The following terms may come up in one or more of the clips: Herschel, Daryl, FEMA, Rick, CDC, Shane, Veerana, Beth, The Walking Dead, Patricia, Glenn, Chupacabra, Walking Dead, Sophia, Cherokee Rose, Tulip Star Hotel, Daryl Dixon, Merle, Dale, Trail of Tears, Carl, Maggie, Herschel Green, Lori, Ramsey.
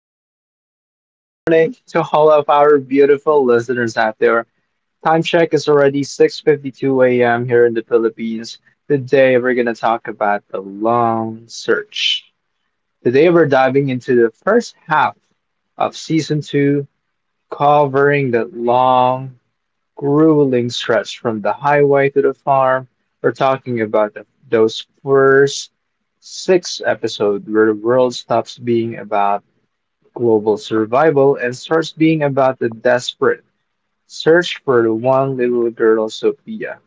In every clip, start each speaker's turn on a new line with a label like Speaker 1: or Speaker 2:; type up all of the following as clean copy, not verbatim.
Speaker 1: good evening or good morning to all of our beautiful listeners out there. Time check is already 6:52 a.m. here in the Philippines. Today we're going to talk about the long search. Today we're diving into the first half of season 2, covering the long grueling stretch from the highway to the farm. We're talking about those first six episodes where the world stops being about global survival and starts being about the desperate search for the one little girl, Sophia.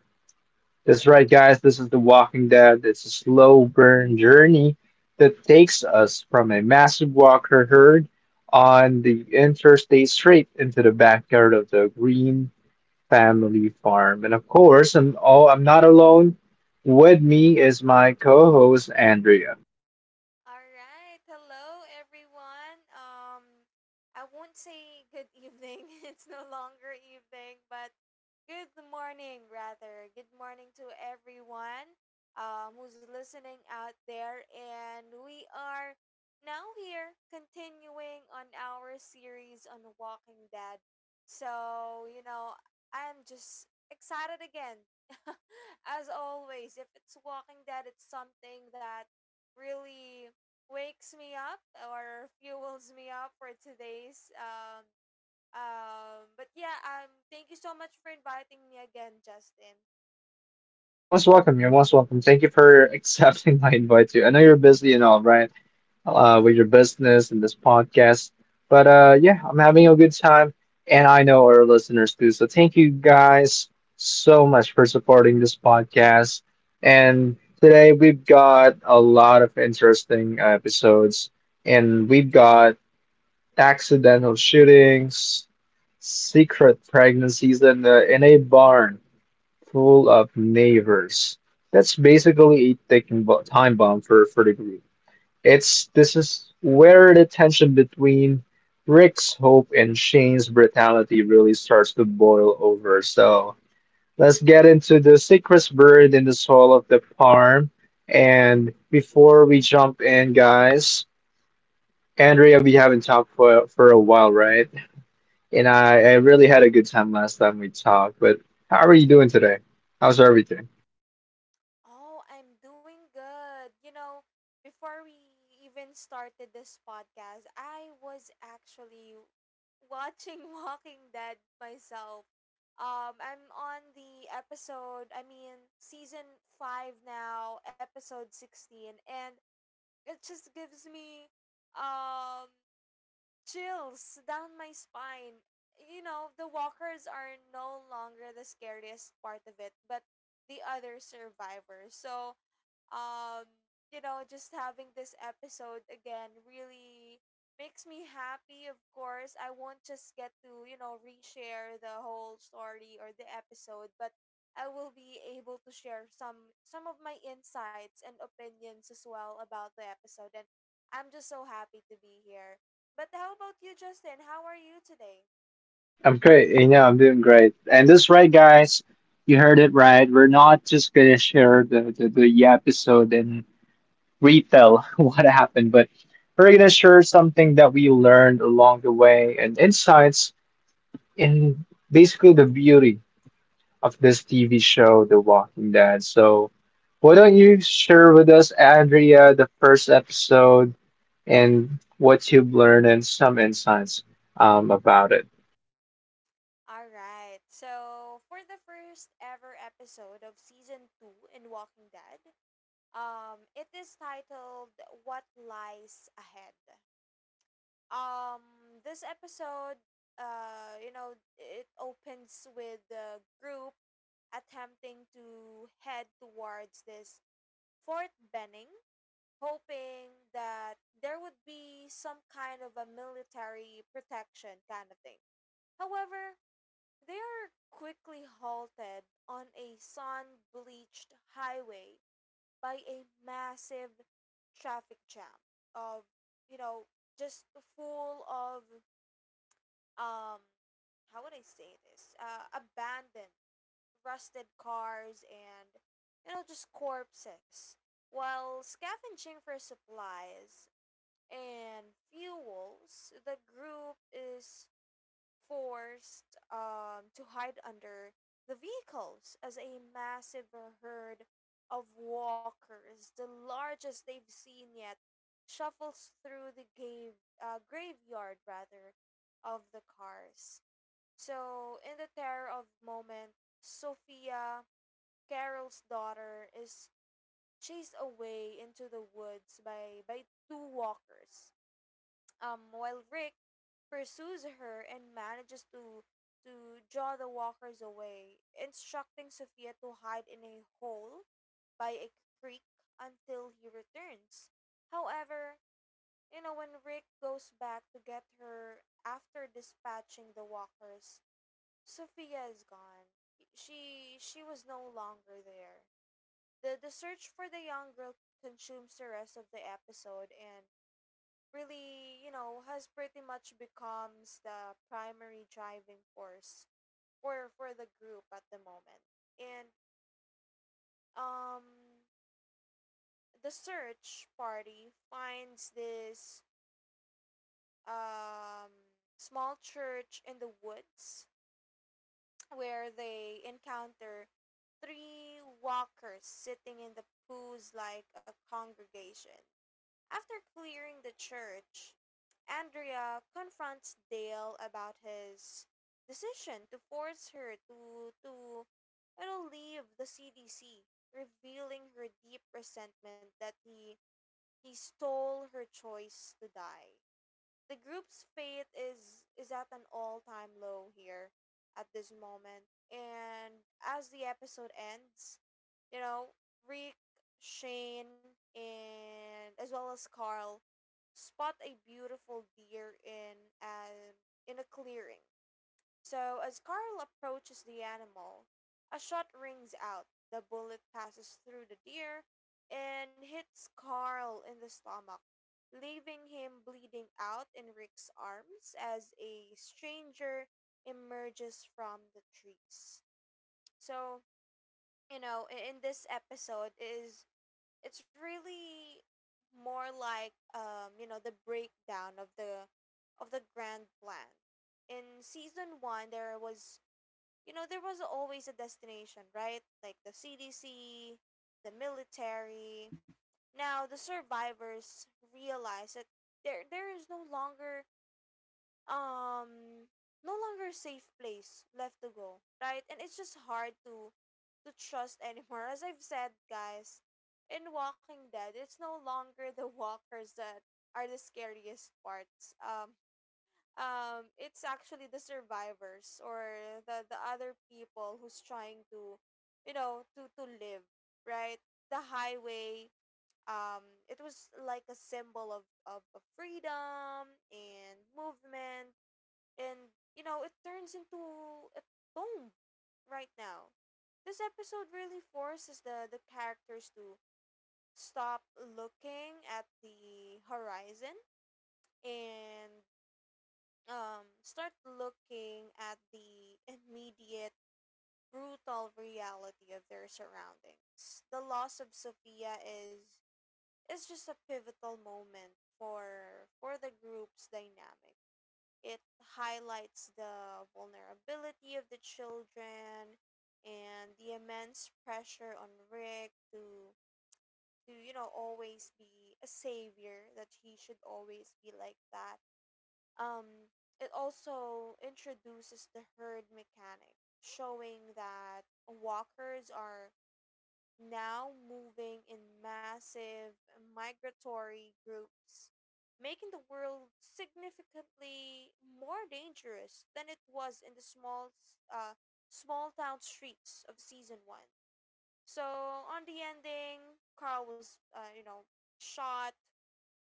Speaker 1: That's right, guys. This is The Walking Dead. It's a slow burn journey that takes us from a massive walker herd on the interstate straight into the backyard of the Green family farm. And of course, I'm not alone. With me is my co-host Andrea.
Speaker 2: All right. Hello, everyone. I won't say good evening. It's no longer evening, but good morning, rather. Good morning to everyone who's listening out there. And we are now here continuing on our series on Walking Dead. So, you know, I'm just excited again. As always, if it's Walking Dead, it's something that really wakes me up or fuels me up for today's. But yeah, thank you so much for inviting me again, Justin.
Speaker 1: You're most welcome. You're most welcome. Thank you for accepting my invite too. I know you're busy and all, right? With your business and this podcast. But yeah, I'm having a good time, and I know our listeners too. So thank you guys so much for supporting this podcast. And today we've got a lot of interesting episodes, and we've got accidental shootings, secret pregnancies, and in a barn full of neighbors. That's basically a time bomb for, the group. It's This is where the tension between Rick's hope and Shane's brutality really starts to boil over. So let's get into the secrets buried in the soil of the farm. And before we jump in, guys, Andrea, we haven't talked for, a while, right? And I really had a good time last time we talked, but how are you doing today? How's everything?
Speaker 2: Oh, I'm doing good. You know, before we even started this podcast, I was actually watching Walking Dead myself. I'm on the episode I mean season 5 now, episode 16, and it just gives me um chills down my spine. You know, the walkers are no longer the scariest part of it, but the other survivors. So, just having this episode again really makes me happy. Of course, I won't just get to, you know, reshare the whole story or the episode, but I will be able to share some of my insights and opinions as well about the episode, and I'm just so happy to be here. But how about you, Justin? How are you today?
Speaker 1: I'm great. You know, I'm doing great. And that's right, guys. You heard it right. We're not just gonna share the episode and retell what happened, but we're gonna share something that we learned along the way and insights in basically the beauty of this TV show, The Walking Dead. So why don't you share with us, Andrea, the first episode? And what you've learned and some insights about it.
Speaker 2: All right. So for the first ever episode of season two in Walking Dead, it is titled "What Lies Ahead." This episode, you know, it opens with the group attempting to head towards this Fort Benning, hoping that there would be some kind of a military protection kind of thing. However, they are quickly halted on a sun bleached highway by a massive traffic jam of, you know, just full of, um, how would I say this? Abandoned, rusted cars and, you know, just corpses. While scavenging for supplies and fuels, the group is forced to hide under the vehicles as a massive herd of walkers, the largest they've seen yet, shuffles through the graveyard rather of the cars. So, in the terror of moment, Sophia, Carol's daughter, is chased away into the woods by two walkers, while Rick pursues her and manages to draw the walkers away, instructing Sophia to hide in a hole by a creek until he returns. However, you know, when Rick goes back to get her after dispatching the walkers, Sophia is gone. She was no longer there. The search for the young girl consumes the rest of the episode and really, you know, has pretty much becomes the primary driving force for the group at the moment. And um the search party finds this um small church in the woods where they encounter three walkers sitting in the pews like a congregation. After clearing the church, Andrea confronts Dale about his decision to force her to, leave the CDC, revealing her deep resentment that he stole her choice to die. The group's fate is at an all-time low here at this moment. And as the episode ends, you know, Rick, Shane, and as well as Carl spot a beautiful deer in an in a clearing. So as Carl approaches the animal, a shot rings out. The bullet passes through the deer and hits Carl in the stomach, leaving him bleeding out in Rick's arms as a stranger emerges from the trees. So, in this episode, is it's really more like, the breakdown of the grand plan. In season 1, there was, you know, there was always a destination, right? Like the CDC, the military. Now, the survivors realize that there is um no longer a safe place left to go, right? And it's just hard to trust anymore. As I've said, guys, in Walking Dead, it's no longer the walkers that are the scariest parts. It's actually the survivors or the other people who's trying to, you know, to live, right? The highway, it was like a symbol of, of freedom and movement, and you know, it turns into a tomb right now. This episode really forces the characters to stop looking at the horizon and start looking at the immediate brutal reality of their surroundings. The loss of Sophia is just a pivotal moment for the group's dynamic. It highlights the vulnerability of the children and the immense pressure on Rick to always be a savior, that he should always be like that. Um it also introduces the herd mechanic, showing that walkers are now moving in massive migratory groups, making the world significantly more dangerous than it was in the small town streets of season one. So on the ending, Carl was, shot.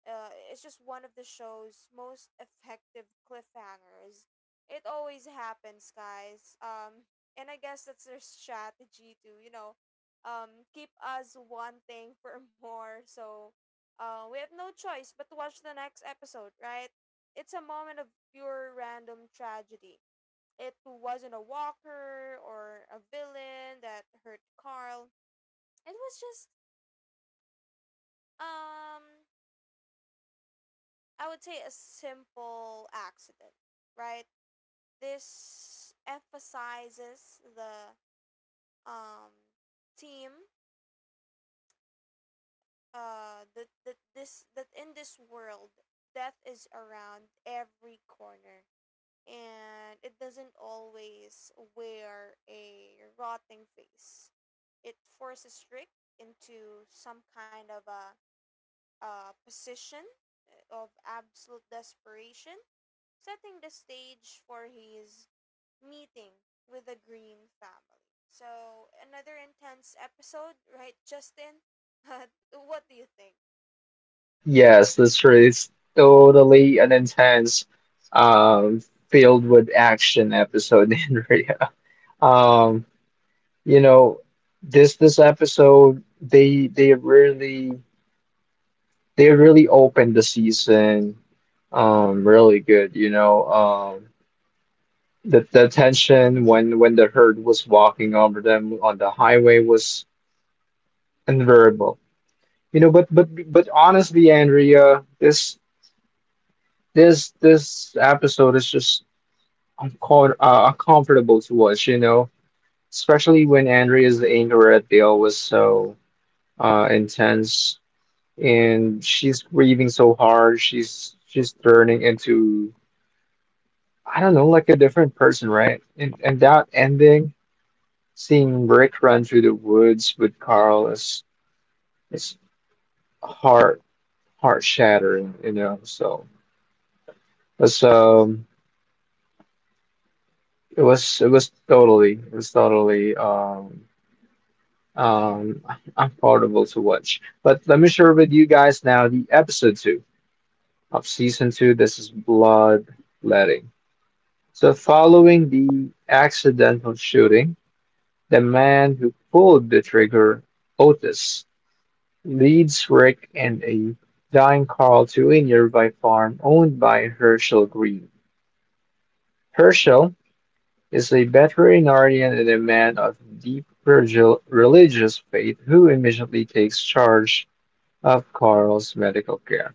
Speaker 2: It's just one of the show's most effective cliffhangers. It always happens, guys. And I guess that's their strategy to, keep us wanting for more. So, we have no choice but to watch the next episode, right? It's a moment of pure random tragedy. It wasn't a walker or a villain that hurt Carl. It was just um I would say a simple accident, right? This emphasizes the um team that that this that in this world, death is around every corner, and it doesn't always wear a rotting face. It forces Rick into some kind of a position of absolute desperation, setting the stage for his meeting with the Green family. So, another intense episode, right, Justin? What do you think?
Speaker 1: Yes, this is totally an intense, um, filled with action episode, Andrea. Um, you know, this episode they really they really opened the season really good, you know. The tension when the herd was walking over them on the highway was unbearable. You know, but honestly, Andrea, this this episode is just uncomfortable to watch. You know, especially when Andrea's anger at Dale was so intense, and she's grieving so hard. She's turning into, I don't know, like a different person, right? And that ending, seeing Rick run through the woods with Carl is is heart shattering. You know, so. So it was, it was totally um affordable to watch. But let me share with you guys now the episode two of season two. This is Bloodletting. So following the accidental shooting, the man who pulled the trigger, Otis, leads Rick in a dying call to a nearby farm owned by Herschel Green. Herschel is a veterinarian and a man of deep religious faith who immediately takes charge of Carl's medical care.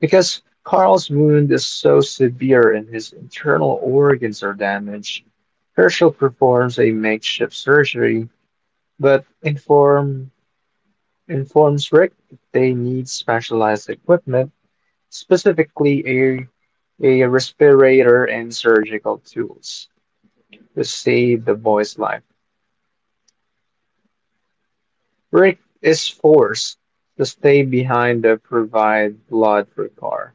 Speaker 1: Because Carl's wound is so severe and his internal organs are damaged, Herschel performs a makeshift surgery but informs Rick that they need specialized equipment, specifically a respirator and surgical tools, to save the boy's life. Rick is forced to stay behind to provide blood for Carr,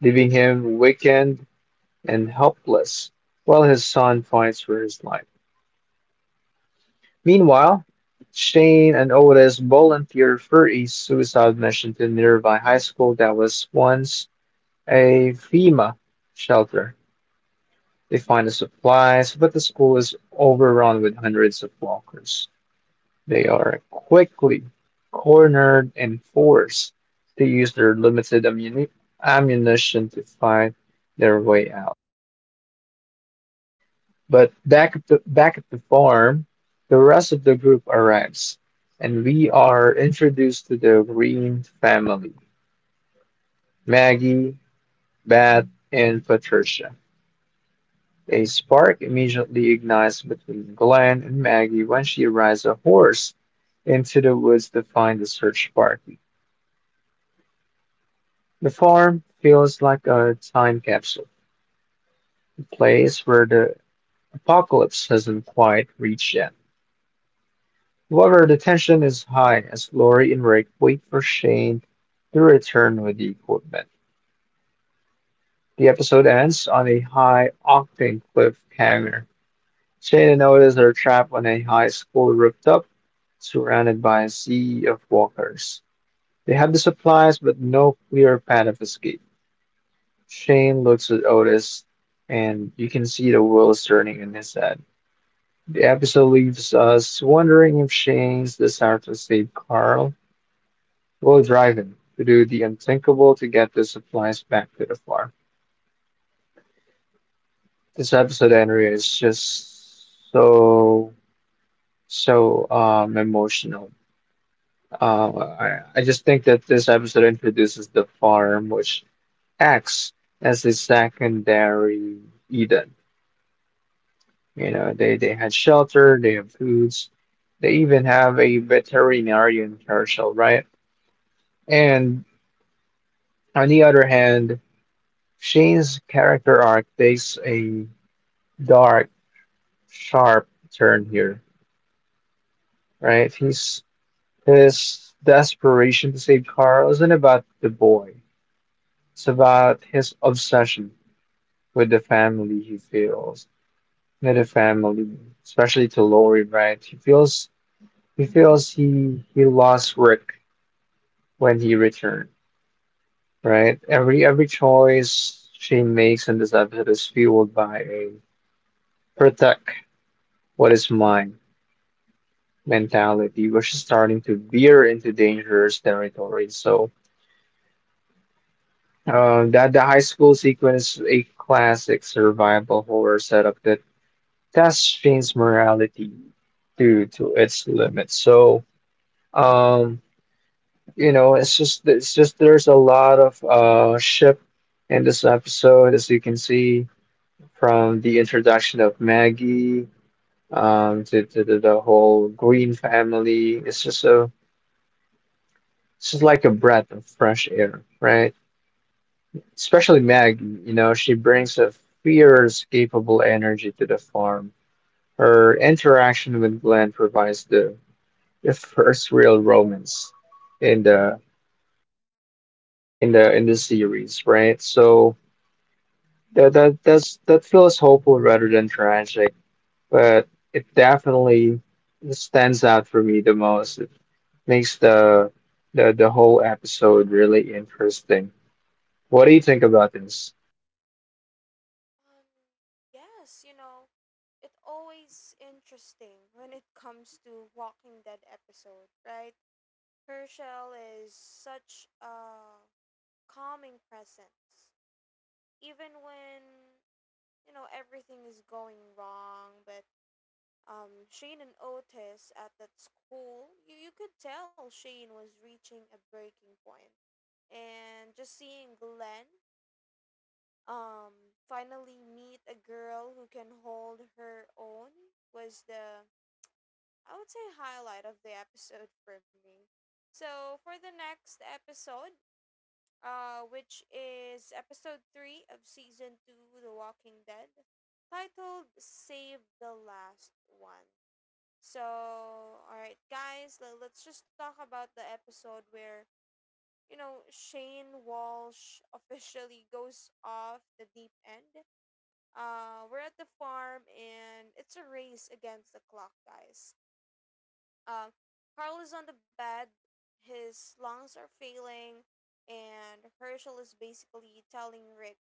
Speaker 1: leaving him weakened and helpless while his son fights for his life. Meanwhile, Shane and Otis volunteer for a suicide mission to nearby high school that was once a FEMA shelter. They find the supplies, but the school is overrun with hundreds of walkers. They are quickly cornered and forced to use their limited ammunition to find their way out. But back at the farm, the rest of the group arrives, and we are introduced to the Green family: Maggie, Beth, and Patricia. A spark immediately ignites between Glenn and Maggie when she rides a horse into the woods to find the search party. The farm feels like a time capsule, a place where the apocalypse hasn't quite reached yet. However, the tension is high as Lori and Rick wait for Shane to return with the equipment. The episode ends on a high octane cliffhanger. Shane and Otis are trapped on a high school rooftop, surrounded by a sea of walkers. They have the supplies, but no clear path of escape. Shane looks at Otis, and you can see the wheels turning in his head. The episode leaves us wondering if Shane's desire to save Carl will drive him to do the unthinkable to get the supplies back to the farm. This episode, Henry, is just so emotional. I just think that this episode introduces the farm, which acts as a secondary Eden. You know, they had shelter, they have foods, they even have a veterinarian commercial, right? And on the other hand, Shane's character arc takes a dark, sharp turn here, right? He's His desperation to save Carl isn't about the boy. It's about his obsession with the family he feels, with the family, especially to Lori, right? He feels he lost Rick when he returned, right? Every choice she makes in this episode is fueled by a protect what is mine mentality, where she's starting to veer into dangerous territory. So that the high school sequence is a classic survival horror setup that tests Shane's morality to its limits. So um, you know, it's just there's a lot of ship in this episode, as you can see from the introduction of Maggie, to, the whole Green family. It's just a it's just like a breath of fresh air, right? Especially Maggie, you know, she brings a fierce, capable energy to the farm. Her interaction with Glenn provides the first real romance in the in the series, right? So that feels hopeful rather than tragic, but it definitely stands out for me the most. It makes the whole episode really interesting. What do you think about this?
Speaker 2: Um, yes, you know, it's always interesting when it comes to Walking Dead episode, right? Herschel is such a calming presence. Even when, you know, everything is going wrong, but Shane and Otis at that school, you could tell Shane was reaching a breaking point. And just seeing Glenn, um, finally meet a girl who can hold her own was the, I would say, highlight of the episode for me. So for the next episode, which is episode 3 of season 2, The Walking Dead, titled Save the Last One. So, all right, guys, let's just talk about the episode where, you know, Shane Walsh officially goes off the deep end. We're at the farm and it's a race against the clock, guys. Um, Carl is on the bed, his lungs are failing, and Herschel is basically telling Rick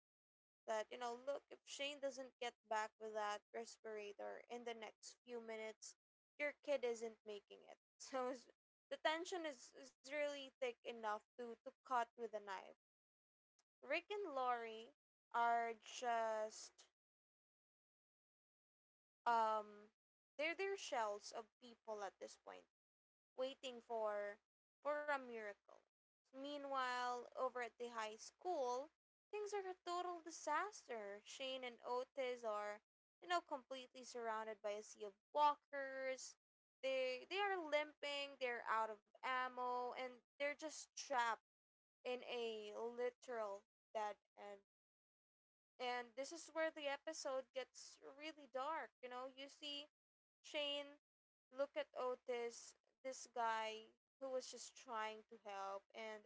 Speaker 2: that, you know, look, if Shane doesn't get back with that respirator in the next few minutes, your kid isn't making it. So the tension is really thick enough to cut with a knife. Rick and Lori are just um they're shells of people at this point, waiting for a miracle. So, meanwhile, over at the high school, things are a total disaster. Shane and Otis are, you know, completely surrounded by a sea of walkers. They are limping, they're out of ammo, and they're just trapped in a literal dead end, and this is where the episode gets really dark. You know, you see Shane look at Otis, this guy who was just trying to help, and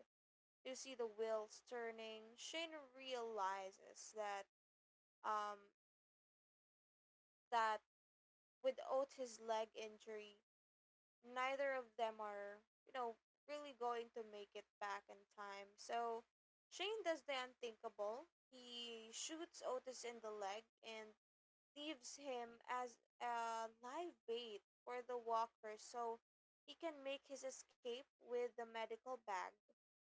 Speaker 2: you see the wheels turning. Shane realizes that um that with Otis' leg injury, neither of them are, you know, really going to make it back in time. So Shane does the unthinkable. He shoots Otis in the leg and leaves him as a live bait for the walker so he can make his escape with the medical bag.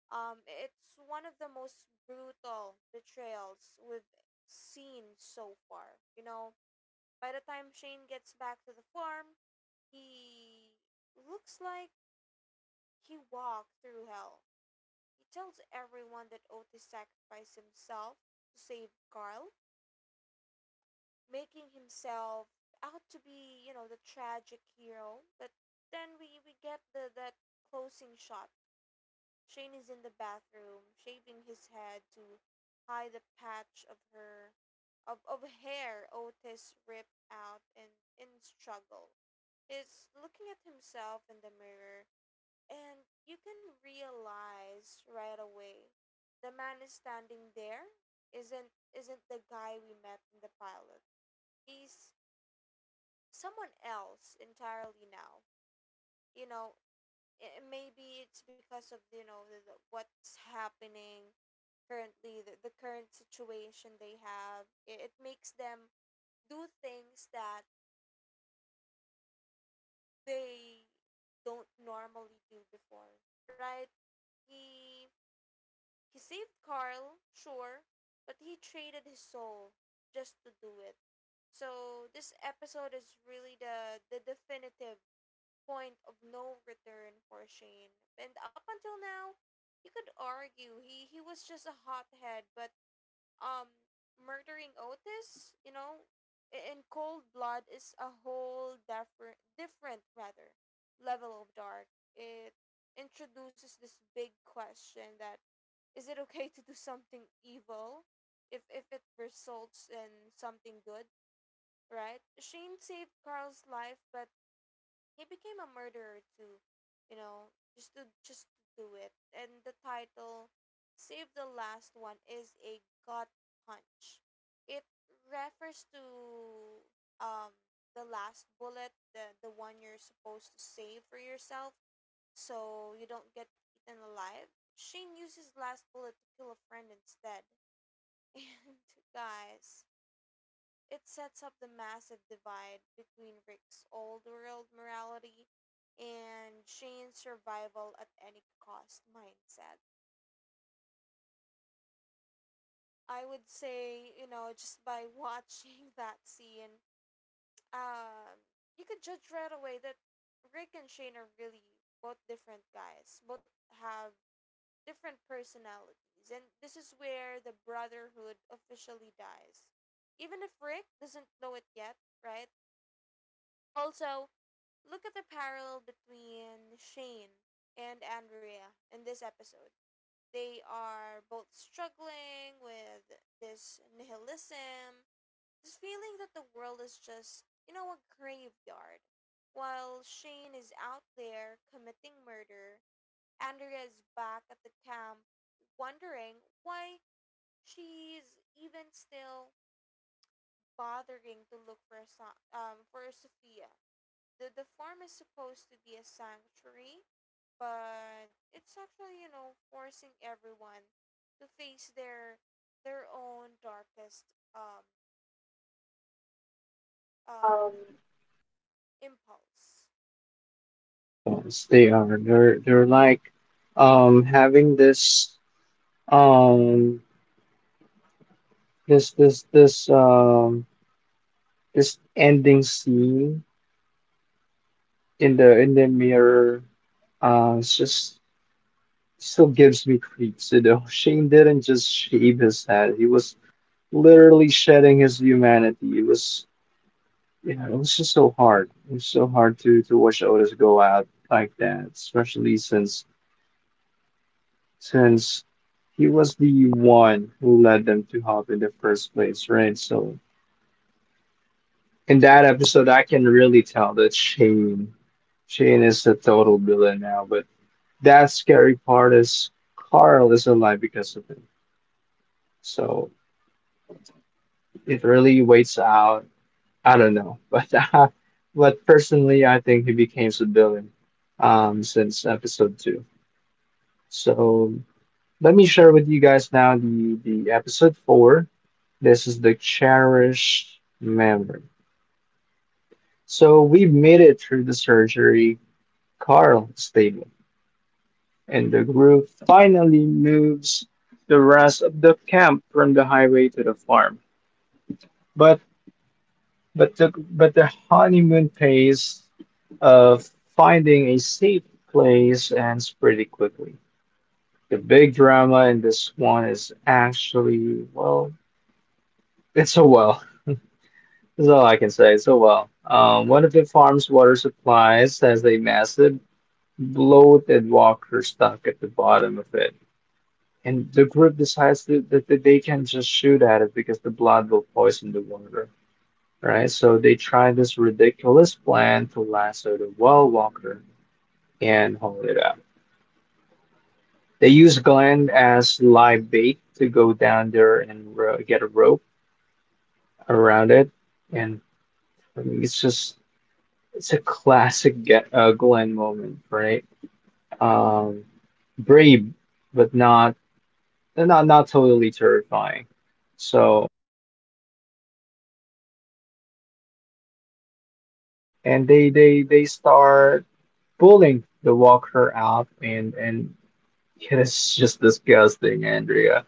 Speaker 2: It's one of the most brutal betrayals we've seen so far. You know, by the time Shane gets back to the farm, he looks like he walked through hell. He tells everyone that Otis sacrificed himself to save Carl, making himself out to be, you know, the tragic hero. But then we get the that closing shot. Shane is in the bathroom, shaving his head to hide the patch of of hair Otis ripped out in struggle. He's looking at himself in the mirror, and you can realize right away the man is standing there isn't the guy we met in the pilot. He's someone else entirely now. You know, Maybe it's because of, you know, the what's happening currently, the current situation they have. It makes them do things that they don't normally do before, right? He he saved Carl, sure, but he traded his soul just to do it. So this episode is really the definitive point of no return for Shane. And up until now, you could argue he was just a hothead, but um murdering Otis, you know, in cold blood is a whole different different rather level of dark. It introduces this big question that, is it okay to do something evil if it results in something good, right? Shane saved Carl's life, but he became a murderer too, you know, just to do it. And the title Save the Last One is a gut punch. It refers to um the last bullet, the one you're supposed to save for yourself so you don't get eaten alive. Shane uses last bullet to kill a friend instead. And guys, it sets up the massive divide between Rick's old world morality and Shane's survival at any cost mindset. I would say, just by watching that scene, um, you could judge right away that Rick and Shane are really both different guys, both have different personalities. And this is where the brotherhood officially dies. Even if Rick doesn't know it yet, right? Also, look at the parallel between Shane and Andrea in this episode. They are both struggling with this nihilism, this feeling that the world is just a graveyard. While Shane is out there committing murder, Andrea is back at the camp wondering why she's even still bothering to look for for Sophia. The farm is supposed to be a sanctuary, but it's actually forcing everyone to face their own darkest um impulse.
Speaker 1: Yes, they are. They're like having this um this this this um this ending scene in the mirror. It's just still gives me creeps. You know, Shane didn't just shave his head. He was literally shedding his humanity. It was, you know, it was just so hard. It was so hard to watch Otis go out like that, especially since since he was the one who led them to Hop in the first place, right? So in that episode, I can really tell that Shane is a total villain now. But that scary part is Carl is alive because of him. So it really waits out, I don't know, but personally, I think he became civilian since episode two. So let me share with you guys now the episode four. This is the cherished memory. So we've made it through the surgery, Carl stated, and the group finally moves the rest of the camp from the highway to the farm. but. But the honeymoon phase of finding a safe place ends pretty quickly. The big drama in this one is actually, well, it's a well. That's all I can say. It's a well. One of the farm's water supplies has a massive bloated walker stuck at the bottom of it. And the group decides that they can just shoot at it because the blood will poison the water, right? So they try this ridiculous plan to lasso the Well Walker and hold it up. They use Glenn as live bait to go down there and ro get a rope around it, and I mean, it's a classic get, Glenn moment, right? Um, brave, but not totally terrifying. So and they start pulling the walker out and it is just disgusting, Andrea.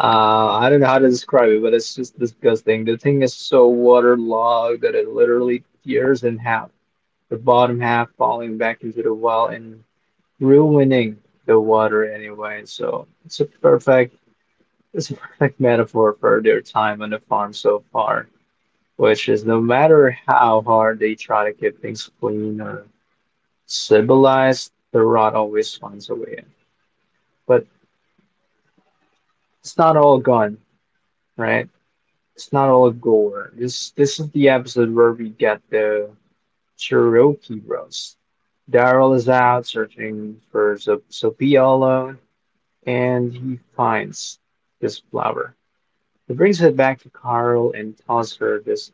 Speaker 1: I don't know how to describe it, but it's just disgusting. The thing is so waterlogged that it literally tears in half, the bottom half falling back into the well and ruining the water anyway. So it's a perfect, it's a perfect metaphor for their time on the farm so far, which is no matter how hard they try to keep things clean or civilized, the rot always finds a way in. But it's not all gone, right? It's not all gore. This is the episode where we get the Cherokee roast. Daryl is out searching for Sophia alone, and he finds this flower. He brings it back to Carl and tells her this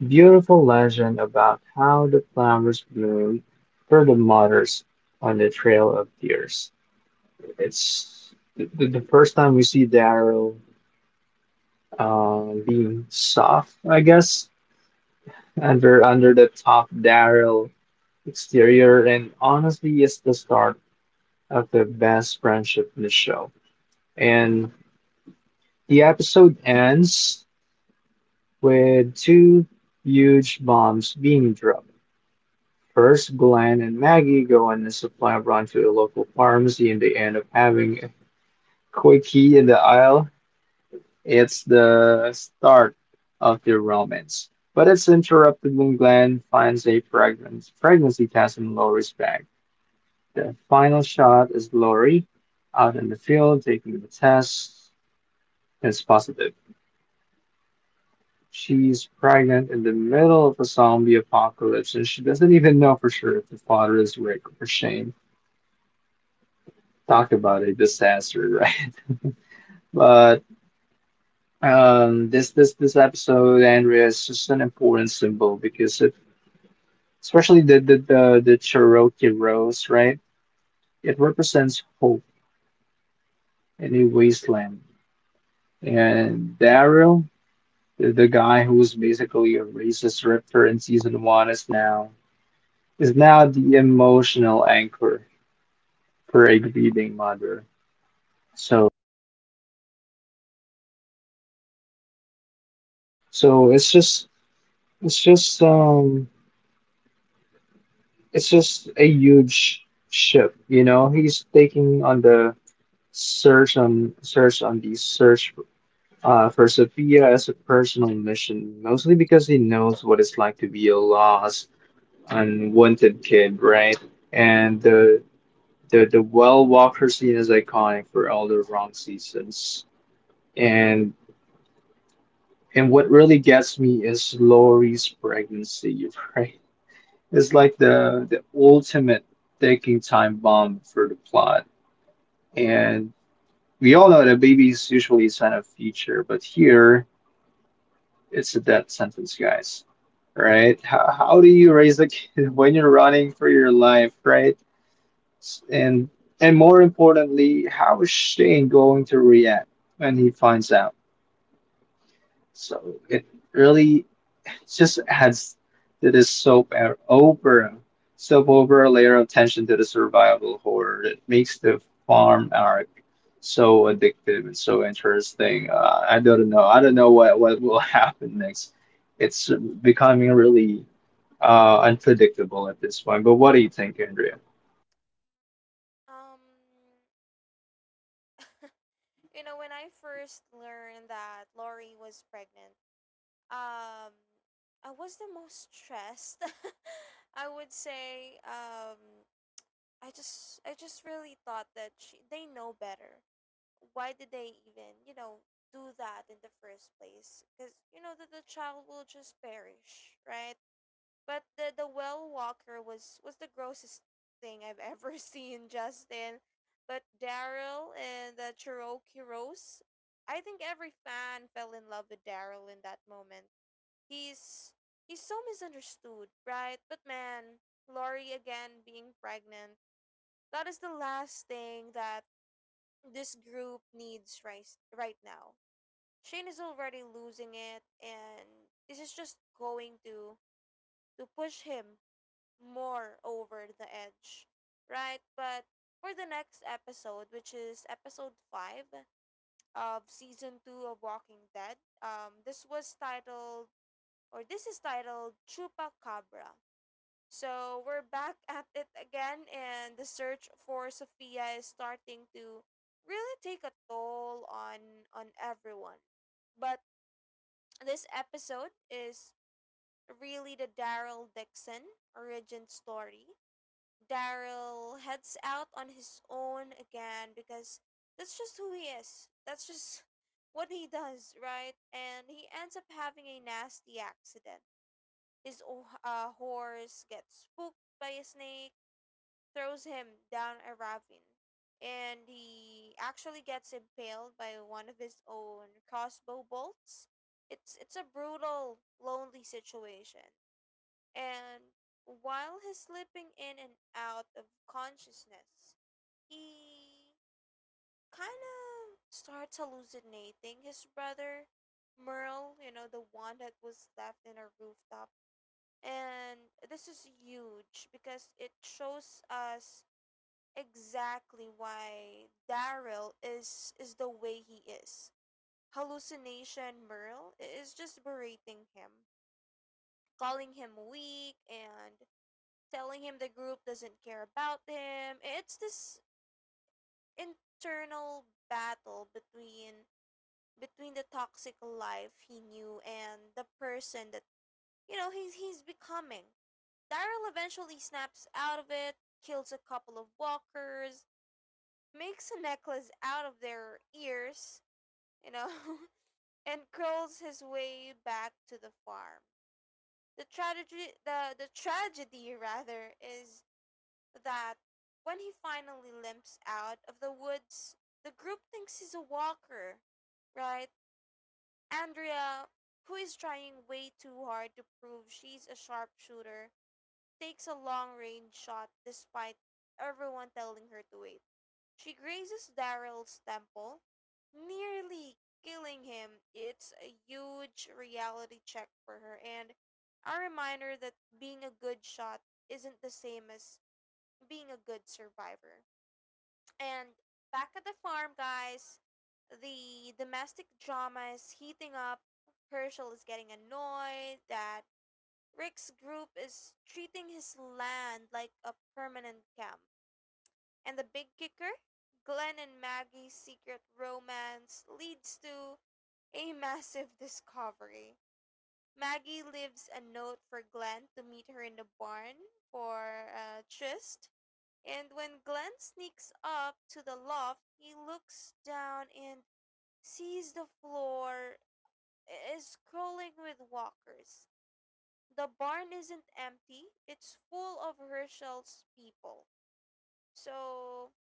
Speaker 1: beautiful legend about how the flowers bloom for the mothers on the Trail of Tears. It's the first time we see Daryl being soft, I guess. And we're under the top Daryl exterior, and honestly, it's the start of the best friendship in the show. And the episode ends with two huge bombs being dropped. First, Glenn and Maggie go on a supply run to a local pharmacy, and they end up having a quickie in the aisle. It's the start of their romance, but it's interrupted when Glenn finds a pregnant pregnancy test in Lori's bag. The final shot is Lori out in the field taking the test. It's positive. She's pregnant in the middle of a zombie apocalypse, and she doesn't even know for sure if the father is Rick or Shane. Talk about a disaster, right? But this episode, Andrea, is just an important symbol because it, especially the Cherokee rose, right? It represents hope in a wasteland, and Daryl, the guy who was basically a racist ripper in season one, is now the emotional anchor for a grieving mother. So so it's just it's just um it's just a huge ship, you know. He's taking on the search on search on the search for Sophia as a personal mission, mostly because he knows what it's like to be a lost, unwanted kid, right? And the well Walker scene is iconic for all the wrong seasons. And and what really gets me is Laurie's pregnancy, right? It's like the ultimate ticking time bomb for the plot. And we all know that a baby is usually a sign of future, but here it's a death sentence, guys. Right? How do you raise a kid when you're running for your life, right? S- And and more importantly, how is Shane going to react when he finds out? So it really just adds to this soap opera layer of tension to the survival horror that makes the farm arc so addictive and so interesting. I don't know. I don't know what will happen next. It's becoming really unpredictable at this point. But what do you think, Andrea?
Speaker 2: Um when I first learned that Lori was pregnant, um I was the most stressed. I would say I just really thought that she, they know better. Why did they even do that in the first place? Because you know that the child will just perish, right? But the well walker was the grossest thing I've ever seen, Justin. But Daryl and the Cherokee Rose, I think every fan fell in love with Daryl in that moment. He's he's so misunderstood, right? But man, Lori again being pregnant, that is the last thing that this group needs right now. Shane is already losing it, and this is just going to push him more over the edge, right? But for the next episode, which is episode five of season two of Walking Dead, this is titled Chupacabra. So we're back at it again, and the search for Sophia is starting to really take a toll on everyone. But this episode is really the Daryl Dixon origin story. Daryl heads out on his own again because that's just who he is. That's just what he does, right? And he ends up having a nasty accident. His horse gets spooked by a snake throws him down a ravine, and he actually gets impaled by one of his own crossbow bolts. It's a brutal, lonely situation. And while he's slipping in and out of consciousness, he kind of starts hallucinating his brother, Merle, the one that was left in a rooftop. And this is huge because it shows us exactly why Daryl is the way he is. Hallucination Merle is just berating him, calling him weak and telling him the group doesn't care about him. It's this internal battle between the toxic life he knew and the person that he's becoming. Daryl eventually snaps out of it, kills a couple of walkers, makes a necklace out of their ears, you know, and curls his way back to the farm. The tragedy, the tragedy rather, is that when he finally limps out of the woods, the group thinks he's a walker, right? Andrea, who is trying way too hard to prove she's a sharpshooter, takes a long range shot despite everyone telling her to wait. She grazes Daryl's temple, nearly killing him. It's a huge reality check for her and a reminder that being a good shot isn't the same as being a good survivor. And back at the farm, guys, the domestic drama is heating up. Herschel is getting annoyed that Rick's group is treating his land like a permanent camp. And the big kicker? Glenn and Maggie's secret romance leads to a massive discovery. Maggie leaves a note for Glenn to meet her in the barn for a tryst. And when Glenn sneaks up to the loft, he looks down and sees the floor is crawling with walkers. The barn isn't empty, it's full of Herschel's people. So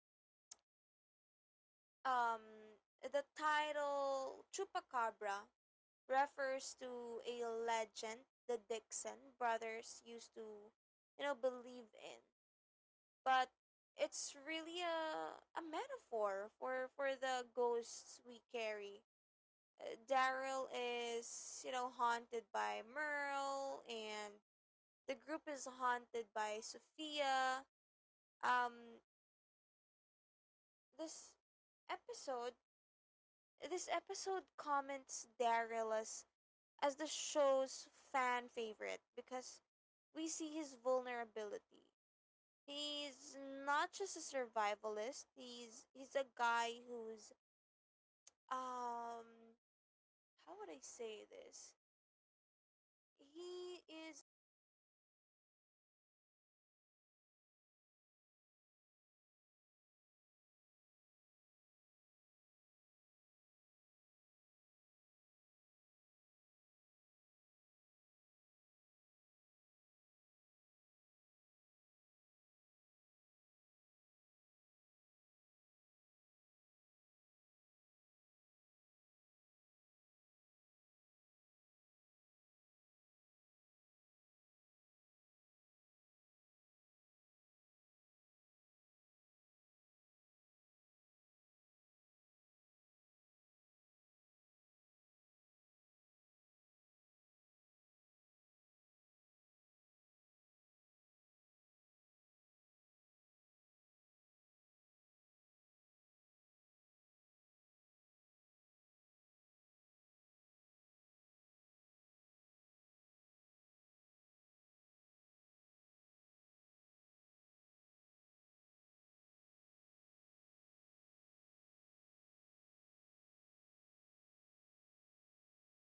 Speaker 2: Um, the title Chupacabra refers to a legend the Dixon brothers used to believe in. But it's really a metaphor for the ghosts we carry. Daryl is haunted by Merle, and the group is haunted by Sophia. Um, this episode this episode comments Daryl as the show's fan favorite because we see his vulnerability. He's not just a survivalist. He's a guy who's um how would I say this? He is a guy that who's who's never been loved and is terrified of actually belonging to a herd. Andrea's mistake is a major turning point for her too. She's just too desperate for her agency and power that she ignores the humans element. She wanted to be the hero who saved the farm from a lone walker and she was almost murdered. The one person who's actually putting in the work just to find Sophia, um it really highlights the dangerous arrogance that starts to grow in her character. And then there's the barn. Up until now, the green farm felt like a safe haven, right? The reveal that Herschel is hoarding walkers changes everything. It reframes the whole season, guys. It's not just a survival story anymore, it's an ideological war.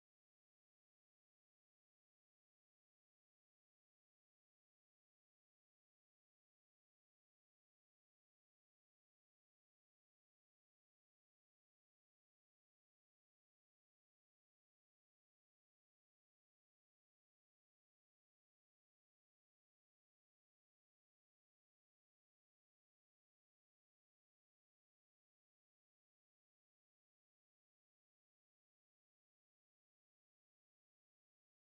Speaker 2: Herschel thinks they are sick. Rick's group knows they are monsters, and the secret is um is is a ticking time bomb, right? That's going to destroy the peace of the farm. But I want to hear what you think of when you learned, Justin, that the there's a part of a bar of the barn in Herschel that it was full of walkers.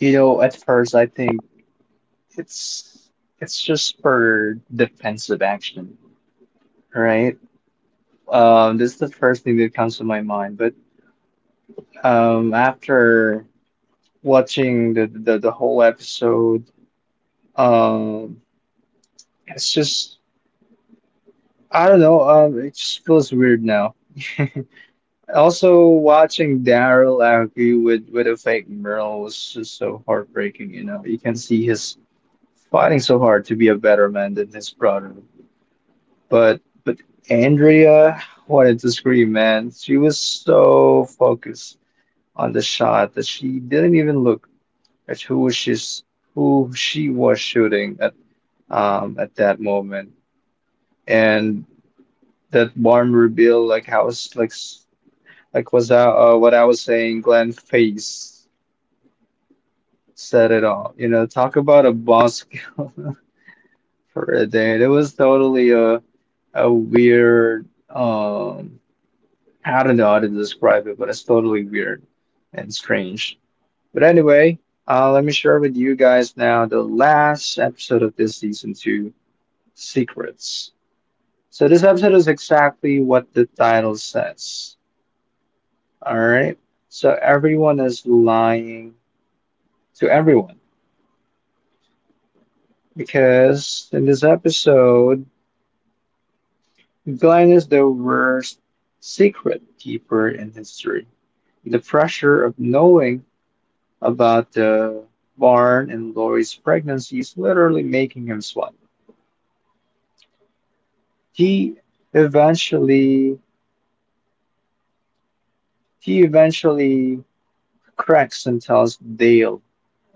Speaker 1: You know, at first I think it's just for defensive action, right? This is the first thing that comes to my mind. But after watching the whole episode, um, it's just, I don't know. It just feels weird now. Also, watching Daryl argue with a fake Merle was just so heartbreaking. You know, you can see his fighting so hard to be a better man than his brother. But Andrea, wanted to scream, man. She was so focused on the shot that she didn't even look at who she was shooting at that moment. And that barn reveal, like how was like s- like was that, what I was saying, Glenn face said it all. You know, talk about a boss for a day. It was totally a weird, I don't know how to describe it, but it's totally weird and strange. But anyway, let me share with you guys now the last episode of this season two, Secrets. So this episode is exactly what the title says. All right. So everyone is lying to everyone, because in this episode, Glenn is the worst secret keeper in history. The pressure of knowing about Barn and Lori's pregnancy is literally making him sweat. He eventually he eventually cracks and tells Dale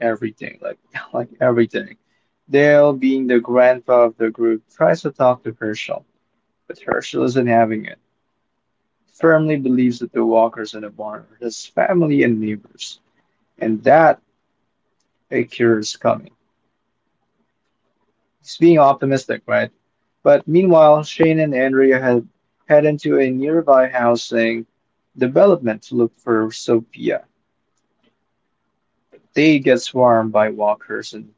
Speaker 1: everything, like like everything. Dale, being the grandpa of the group, tries to talk to Herschel, but Herschel isn't having it. Firmly believes that the walkers in the barn are his family and neighbors, and that a cure is coming. It's being optimistic, right? But meanwhile, Shane and Andrea had head into a nearby housing development to look for Sophia. They get swarmed by walkers,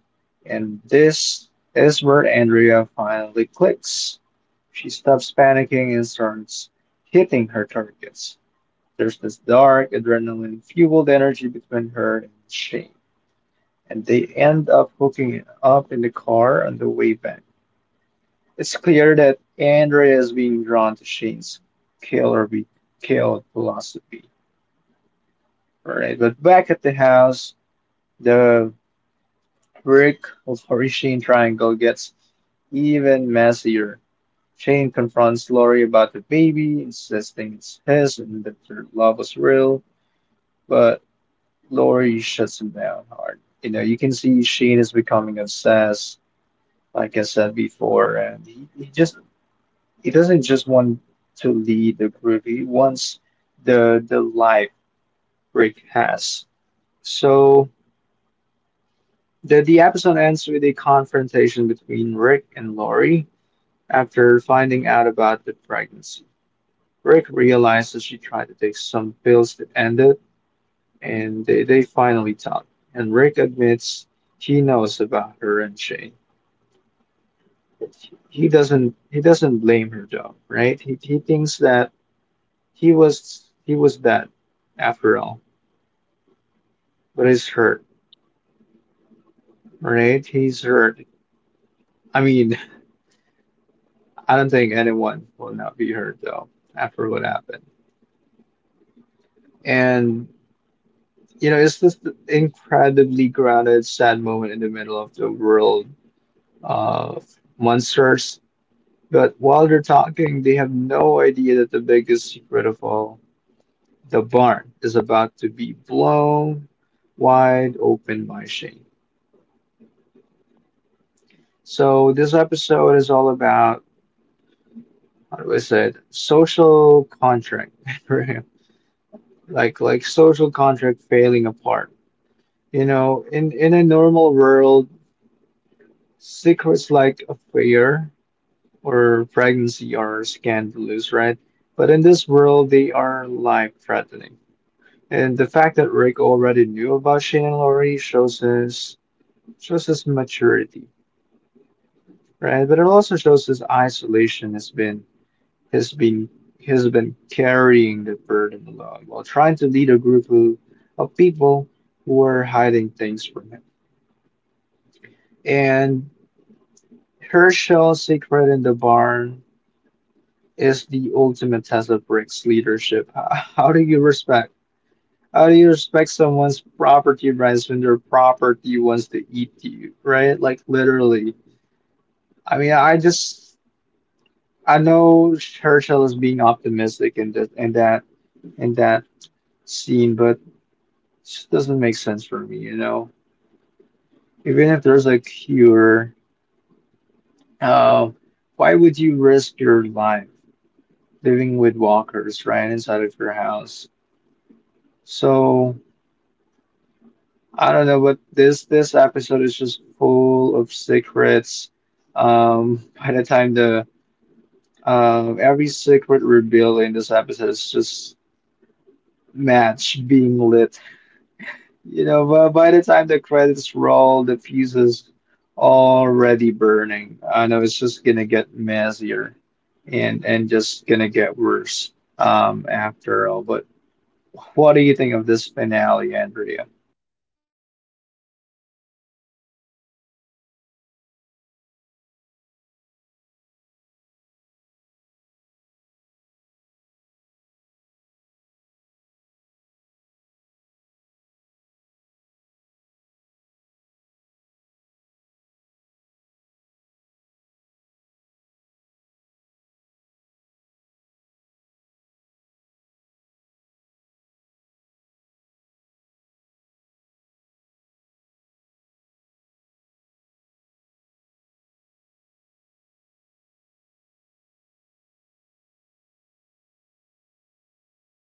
Speaker 1: and this is where Andrea finally clicks. She stops panicking and starts hitting her targets. There's this dark, adrenaline fueled energy between her and Shane, and they end up hooking it up in the car on the way back. It's clear that Andrea is being drawn to Shane's killer be killed philosophy. Right? But back at the house, the brick flourishing triangle gets even messier. Shane confronts Lori about the baby, insisting it's his and that their love was real, but Lori shuts him down hard. You know, you can see Shane is becoming obsessed, like I said before, and he just it doesn't just want to lead the group. He wants the life Rick has. So the episode ends with a confrontation between Rick and Lori after finding out about the pregnancy. Rick realizes she tried to take some pills to end it, and they finally talk. And Rick admits he knows about her and Shane. He doesn't blame her though, right? He thinks that he was dead after all. But it's hurt, right? He's hurt. I mean, I don't think anyone will not be hurt though after what happened. And you know, it's this incredibly grounded, sad moment in the middle of the world of monsters. But while they're talking, they have no idea that the biggest secret of all, the barn, is about to be blown wide open by Shane. So this episode is all about, how do I say it? Social contract. Like social contract failing apart. You know, in a normal world, secrets like affair or pregnancy are scandalous, right? But in this world, they are life-threatening. And the fact that Rick already knew about Shane and Laurie shows his maturity, right? But it also shows his isolation has been has been has been carrying the burden alone while trying to lead a group of people who are hiding things from him. And Herschel's secret in the barn is the ultimate test of Rick's leadership. How do you respect? How do you respect someone's property rights when their property wants to eat you, right? Like literally. I mean, I know Herschel is being optimistic in that in that in that scene, but it just doesn't make sense for me, you know. Even if there's a cure, uh, why would you risk your life living with walkers right inside of your house? So I don't know, but this episode is just full of secrets. By the time the every secret revealed in this episode is just match being lit. You know, but by the time the credits roll, the fuse is already burning. I know it's just gonna get messier, and just gonna get worse after all. But what do you think of this finale, Andrea?
Speaker 2: Um, you know, Rick telling Lori he already knew about her and Sheen was was such a powerful moment. Um, it it made me respect um him, Rick, so much more, right? And I guess we all feel the same way, right? Um, with Rick. But Shane and Andrea, that felt like a disaster just waiting to happen. They are both so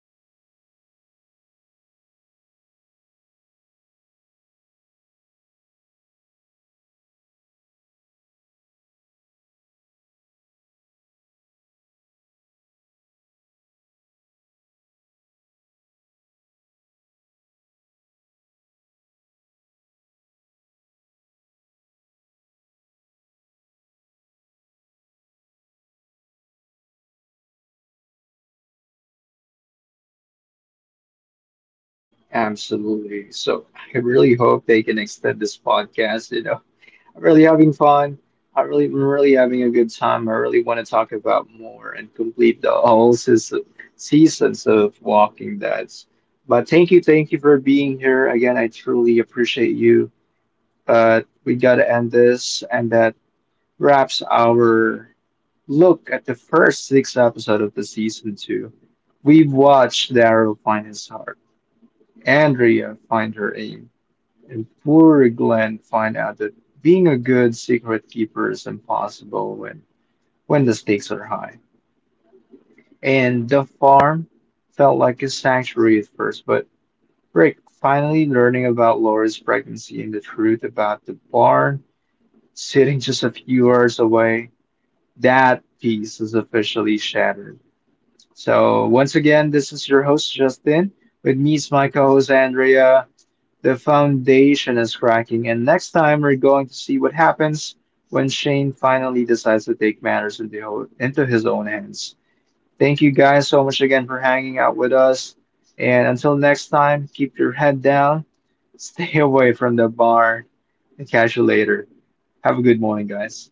Speaker 2: um volatile right now. And poor Glenn, the guy just wanted to get laid and ended up carrying the weight of the entire world on his shoulders. So it's another, Justin, it's just another chaotic episode. But I'm excited for more. You know, we can't just end on episode 6. We got to continue this maybe on the next episode, right?
Speaker 1: Absolutely. So I really hope they can extend this podcast. You know, I'm really having fun. I'm really having a good time. I really want to talk about more and complete the whole season, seasons of Walking Dead. But thank you for being here again. I truly appreciate you. But we gotta end this, and that wraps our look at the first 6 episodes of the season two. We've watched Daryl find his heart, Andrea find her aim, and poor Glenn find out that being a good secret keeper is impossible when the stakes are high. And the farm felt like a sanctuary at first, but Rick finally learning about Laura's pregnancy and the truth about the barn sitting just a few hours away, that piece is officially shattered. So, once again, this is your host, Justin. With me is my co host, Andrea. The foundation is cracking, and next time we're going to see what happens when Shane finally decides to take matters into his own hands. Thank you guys so much again for hanging out with us. And until next time, keep your head down, stay away from the bar, and catch you later. Have a good morning, guys.